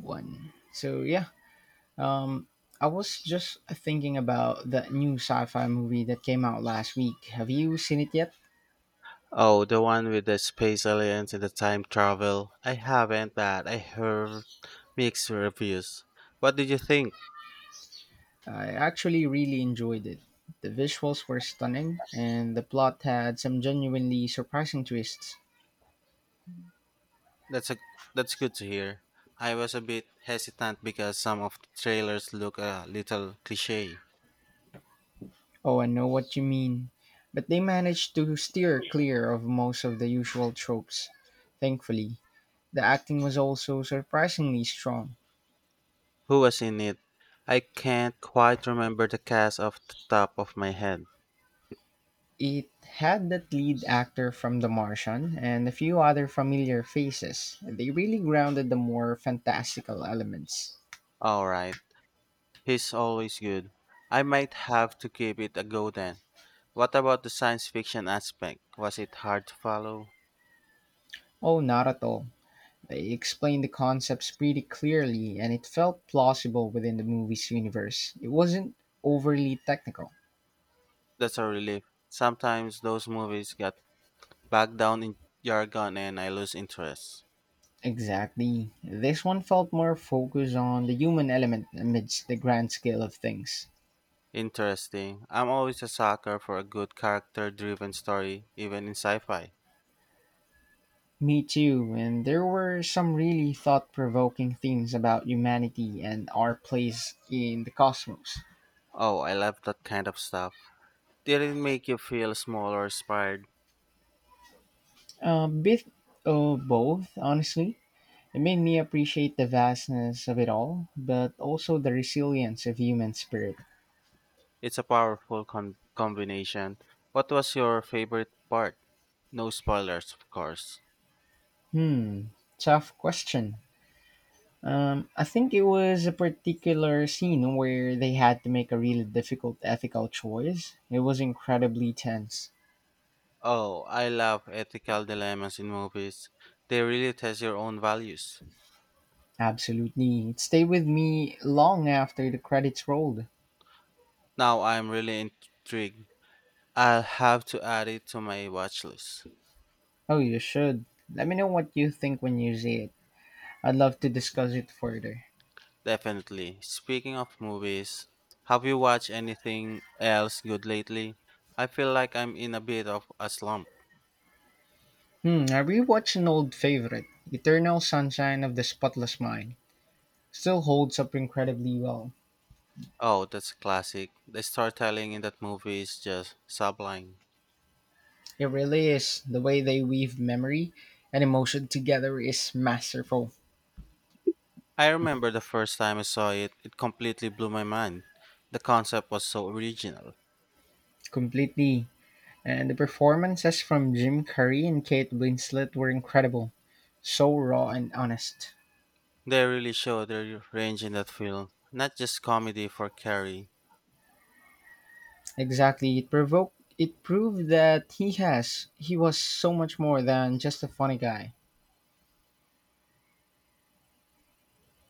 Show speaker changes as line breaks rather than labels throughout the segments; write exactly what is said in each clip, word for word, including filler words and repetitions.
One. So yeah, um, I was just thinking about that new sci-fi movie that came out last week. Have you seen it yet?
Oh, the one with the space aliens and the time travel. I haven't, but I heard mixed reviews. What did you think?
I actually really enjoyed it. The visuals were stunning, and the plot had some genuinely surprising twists.
That's a that's good to hear. I was a bit hesitant because some of the trailers look a little cliche.
Oh, I know what you mean. But they managed to steer clear of most of the usual tropes, thankfully. The acting was also surprisingly strong.
Who was in it? I can't quite remember the cast off the top of my head.
It had that lead actor from The Martian and a few other familiar faces. They really grounded the more fantastical elements.
All right, he's always good. I might have to give it a go then. What about the science fiction aspect? Was it hard to follow?
Oh, not at all. They explained the concepts pretty clearly and it felt plausible within the movie's universe. It wasn't overly technical.
That's a relief. Sometimes those movies get bogged down in jargon and I lose interest.
Exactly. This one felt more focused on the human element amidst the grand scale of things.
Interesting. I'm always a sucker for a good character driven story, even in sci fi.
Me too, and there were some really thought provoking things about humanity and our place in the cosmos.
Oh, I love that kind of stuff. Did it make you feel small or inspired?
A bit of both, honestly. It made me appreciate the vastness of it all, but also the resilience of human spirit.
It's a powerful con- combination. What was your favorite part? No spoilers, of course.
Hmm, tough question. Um, I think it was a particular scene where they had to make a really difficult ethical choice. It was incredibly tense.
Oh, I love ethical dilemmas in movies. They really test your own values.
Absolute need. Stay with me long after the credits rolled.
Now I'm really intrigued. I'll have to add it to my watch list.
Oh, you should. Let me know what you think when you see it. I'd love to discuss it further.
Definitely. Speaking of movies, have you watched anything else good lately? I feel like I'm in a bit of a slump.
Hmm, I rewatched an old favorite, Eternal Sunshine of the Spotless Mind. Still holds up incredibly well.
Oh, that's a classic. The storytelling in that movie is just sublime.
It really is. The way they weave memory and emotion together is masterful.
I remember the first time I saw it, it completely blew my mind. The concept was so original.
Completely. And the performances from Jim Carrey and Kate Winslet were incredible. So raw and honest.
They really showed their range in that film, not just comedy for Carrie.
Exactly. It provoked it proved that he has he was so much more than just a funny guy.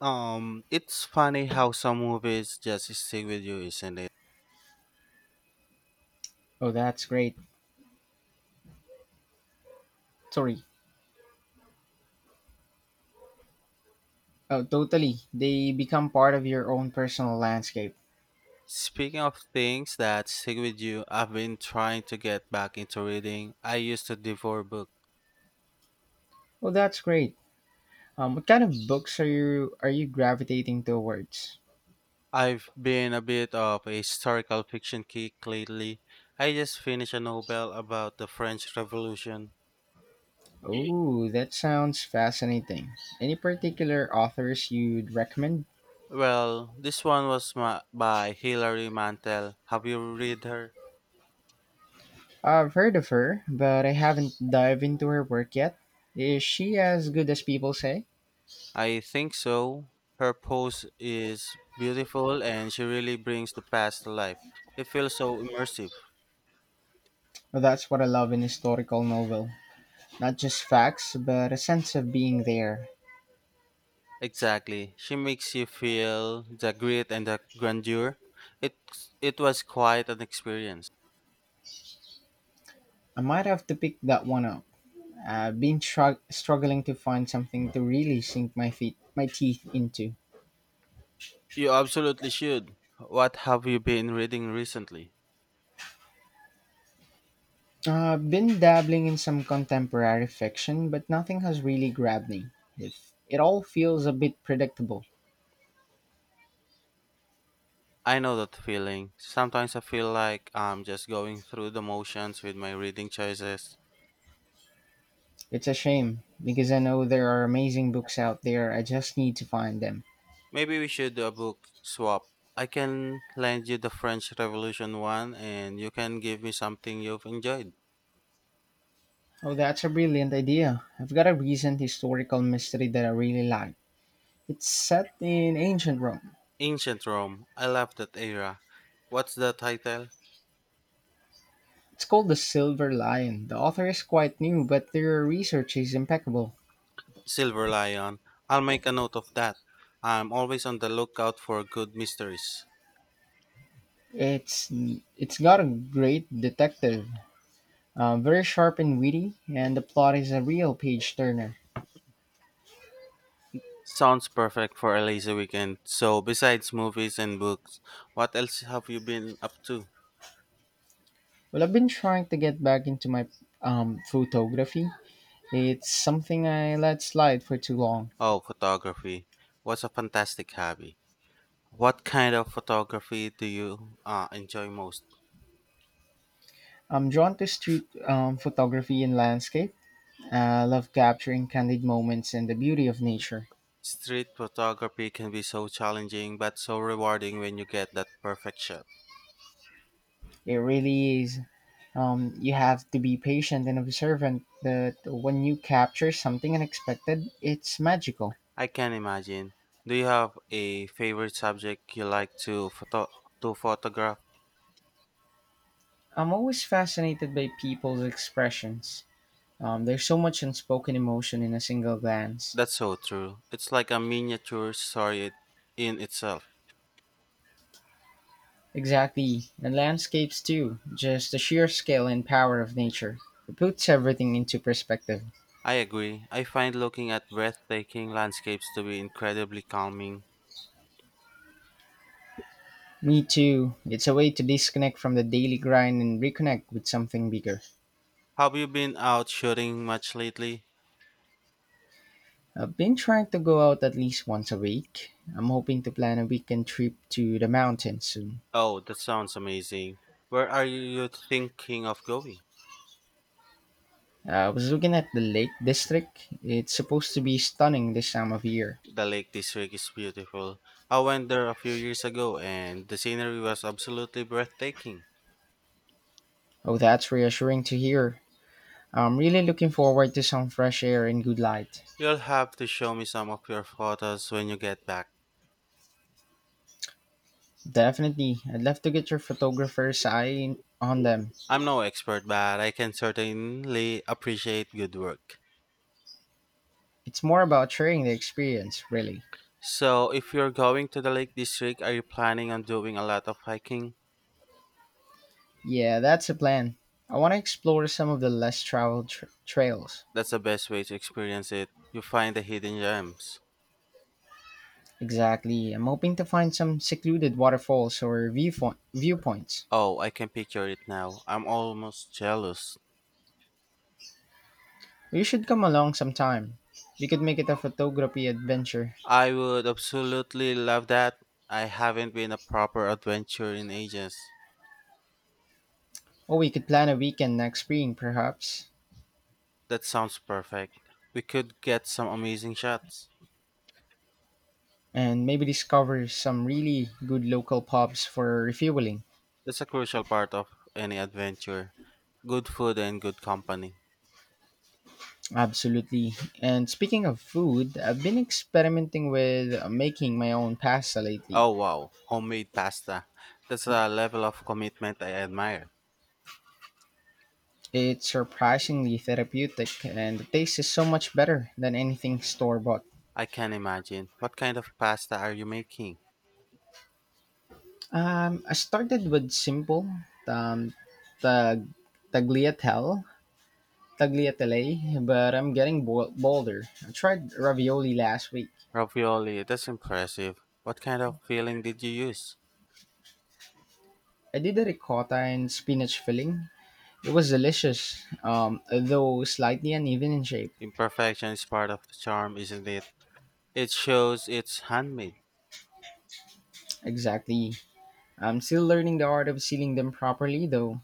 Um, it's funny how some movies just stick with you, isn't it?
Oh, that's great. Sorry. Oh, totally. They become part of your own personal landscape.
Speaking of things that stick with you, I've been trying to get back into reading. I used to devour books.
Oh, that's great. Um what kind of books are you are you gravitating towards?
I've been a bit of a historical fiction kick lately. I just finished a novel about the French Revolution.
Oh, that sounds fascinating. Any particular authors you'd recommend?
Well, this one was ma- by Hilary Mantel. Have you read her?
I've heard of her, but I haven't dived into her work yet. Is she as good as people say?
I think so. Her prose is beautiful and she really brings the past to life. It feels so immersive.
Well, that's what I love in historical novel. Not just facts, but a sense of being there.
Exactly. She makes you feel the grit and the grandeur. It it was quite an experience.
I might have to pick that one up. I've been shrug- struggling to find something to really sink my feet, my teeth into.
You absolutely should. What have you been reading recently?
I've been dabbling in some contemporary fiction, but nothing has really grabbed me. If it all feels a bit predictable.
I know that feeling. Sometimes I feel like I'm just going through the motions with my reading choices.
It's a shame because I know there are amazing books out there. I just need to find them.
Maybe we should do a book swap. I can lend you the French Revolution one and you can give me something you've enjoyed.
Oh, that's a brilliant idea. I've got a recent historical mystery that I really like. It's set in ancient Rome.
Ancient Rome. I love that era. What's the title?
It's called The Silver Lion. The author is quite new, but their research is impeccable.
Silver Lion. I'll make a note of that. I'm always on the lookout for good mysteries.
It's it's got a great detective, uh, very sharp and witty, and the plot is a real page turner.
Sounds perfect for a lazy weekend. So, besides movies and books, what else have you been up to?
Well, I've been trying to get back into my um, photography. It's something I let slide for too long.
Oh, photography. What's a fantastic hobby? What kind of photography do you uh, enjoy most?
I'm drawn to street um, photography and landscape. I love capturing candid moments and the beauty of nature.
Street photography can be so challenging but so rewarding when you get that perfect shot.
It really is. Um, you have to be patient and observant that when you capture something unexpected, it's magical.
I can imagine. Do you have a favorite subject you like to photo to photograph?
I'm always fascinated by people's expressions. Um, there's so much unspoken emotion in a single glance.
That's so true. It's like a miniature story it- in itself.
Exactly, and landscapes too, just the sheer scale and power of nature. It puts everything into perspective.
I agree. I find looking at breathtaking landscapes to be incredibly calming.
Me too, it's a way to disconnect from the daily grind and reconnect with something bigger.
Have you been out shooting much lately?
I've been trying to go out at least once a week. I'm hoping to plan a weekend trip to the mountains soon.
Oh, that sounds amazing. Where are you thinking of going?
I was looking at the Lake District. It's supposed to be stunning this time of year.
The lake district is beautiful. I went there a few years ago and the scenery was absolutely breathtaking.
Oh, that's reassuring to hear. I'm really looking forward to some fresh air and good light.
You'll have to show me some of your photos when you get back.
Definitely, I'd love to get your photographer's eye on them.
I'm no expert, but I can certainly appreciate good work.
It's more about sharing the experience, really.
So, if you're going to the Lake District, are you planning on doing a lot of hiking?
Yeah, that's the plan. I want to explore some of the less traveled tr- trails.
That's the best way to experience it. You find the hidden gems.
Exactly. I'm hoping to find some secluded waterfalls or viewfo- viewpoints.
Oh, I can picture it now. I'm almost jealous.
You should come along sometime. We could make it a photography adventure.
I would absolutely love that. I haven't been a proper adventure in ages.
Or we could plan a weekend next spring, perhaps,
That sounds perfect. We could get some amazing shots.
and maybe discover some really good local pubs for refueling.
That's a crucial part of any adventure. Good food and good company.
Absolutely. And speaking of food, I've been experimenting with uh, making my own pasta lately.
Oh wow, homemade pasta. That's a level of commitment I admire.
It's surprisingly therapeutic, and the taste is so much better than anything store bought.
I can imagine. What kind of pasta are you making?
Um, I started with simple um, tag, tagliatelle, tagliatelle, but I'm getting bol- bolder. I tried ravioli last week.
Ravioli, that's impressive. What kind of filling did you use?
I did a ricotta and spinach filling. It was delicious, um, though slightly uneven in shape.
Imperfection is part of the charm, isn't it? It shows it's handmade.
Exactly. I'm still learning the art of sealing them properly, though.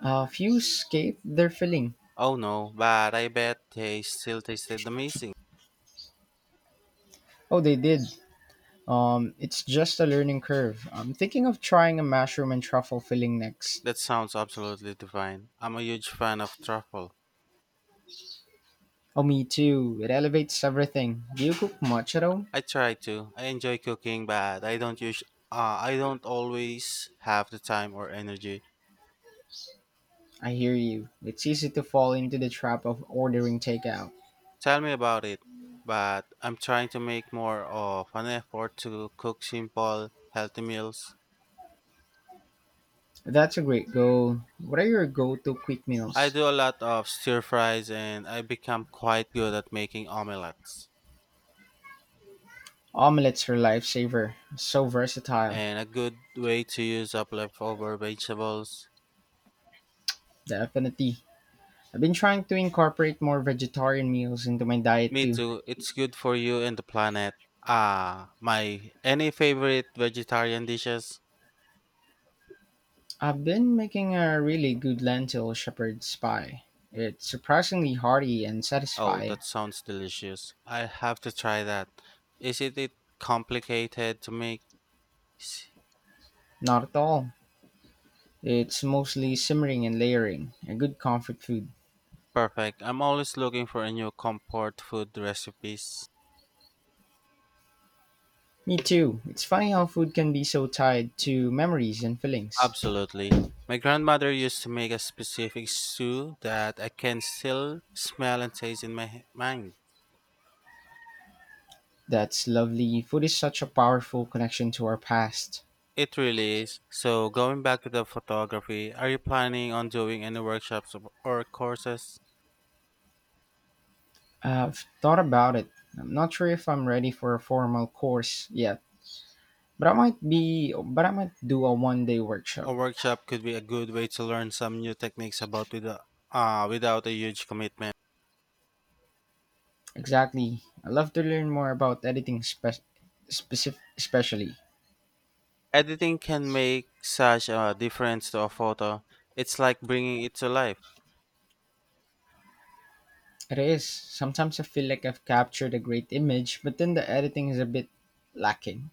A few escaped their filling.
Oh no, but I bet they still tasted amazing.
Oh, they did. Um, it's just a learning curve. I'm thinking of trying a mushroom and truffle filling next.
That sounds absolutely divine. I'm a huge fan of truffle.
Oh, me too. It elevates everything. Do you cook much at all?
I try to. I enjoy cooking, but I don't use. Uh, I don't always have the time or energy.
I hear you. It's easy to fall into the trap of ordering takeout.
Tell me about it, but I'm trying to make more of an effort to cook simple, healthy meals.
That's a great goal. What are your go to quick
I
meals?
do a lot of stir fries and I become quite good at making omelets.
Omelets are lifesaver. So versatile.
And a good way to use up leftover vegetables.
Definitely. I've been trying to incorporate more vegetarian meals into my diet
Me
too.
too, it's good for you and the planet. Ah, my any favorite vegetarian dishes?
I've been making a really good lentil shepherd's pie. It's surprisingly hearty and
Oh,
satisfying.
that sounds delicious. I have to try that. Isn't it complicated to make?
Not at all. It's mostly simmering and layering, a good comfort food.
Perfect. I'm always looking for a new comfort food recipes.
Me too. It's funny how food can be so tied to memories and feelings.
Absolutely. My grandmother used to make a specific stew that I can still smell and taste in my he- mind.
That's lovely. Food is such a powerful connection to our past.
It really is. So, going back to the photography, are you planning on doing any workshops or or courses?
I've thought about it. I'm not sure if I'm ready for a formal course yet, but I might be, but I might do a one day workshop.
A workshop could be a good way to learn some new techniques about without, uh, without a huge commitment.
Exactly. I love to learn more about editing, spe- specific, especially.
Editing can make such a difference to a photo. It's like bringing it to life.
It is. Sometimes I feel like I've captured a great image, but then the editing is a bit lacking.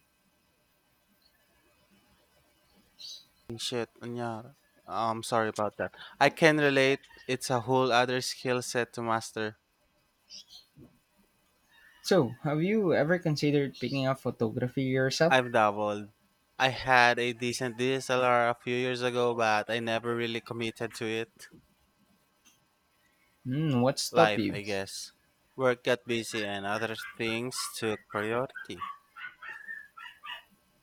Shit, and yeah, I'm sorry about that. I can relate. It's a whole other skill set to master.
So, have you ever considered picking up photography yourself?
I've dabbled. I had a decent D S L R a few years ago, but I never really committed to it.
Hmm, what stopped
Life,
you?
I guess. Work got busy and other things took priority.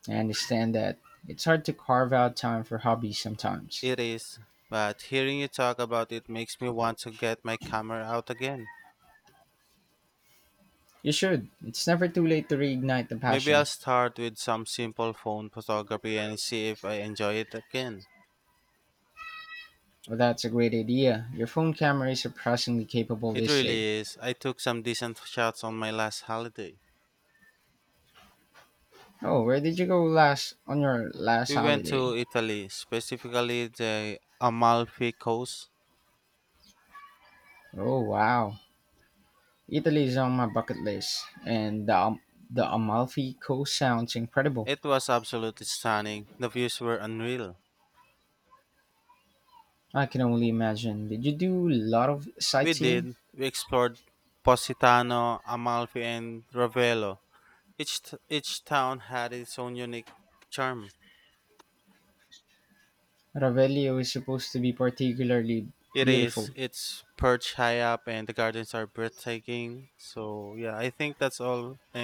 I understand that. It's hard to carve out time for hobbies sometimes.
It is, but hearing you talk about it makes me want to get my camera out again.
You should. It's never too late to reignite the
Maybe I'll
passion.
start with some simple phone photography and see if I enjoy it again.
Oh, that's a great idea. Your phone camera is surprisingly capable
It
this day.
really is. I took some decent shots on my last holiday.
Oh, where did you go last on your last
We went
holiday?
to Italy, specifically the Amalfi Coast.
Oh, wow. Italy is on my bucket list, and the, Am- the Amalfi Coast sounds incredible.
It was absolutely stunning. The views were unreal.
I can only imagine. Did you do a lot of
We
sightseeing?
did. We explored Positano, Amalfi, and Ravello. Each t- each town had its own unique charm.
Ravelio is supposed to be particularly
It
beautiful.
is. It's perched high up, and the gardens are breathtaking. So yeah, I think that's all. And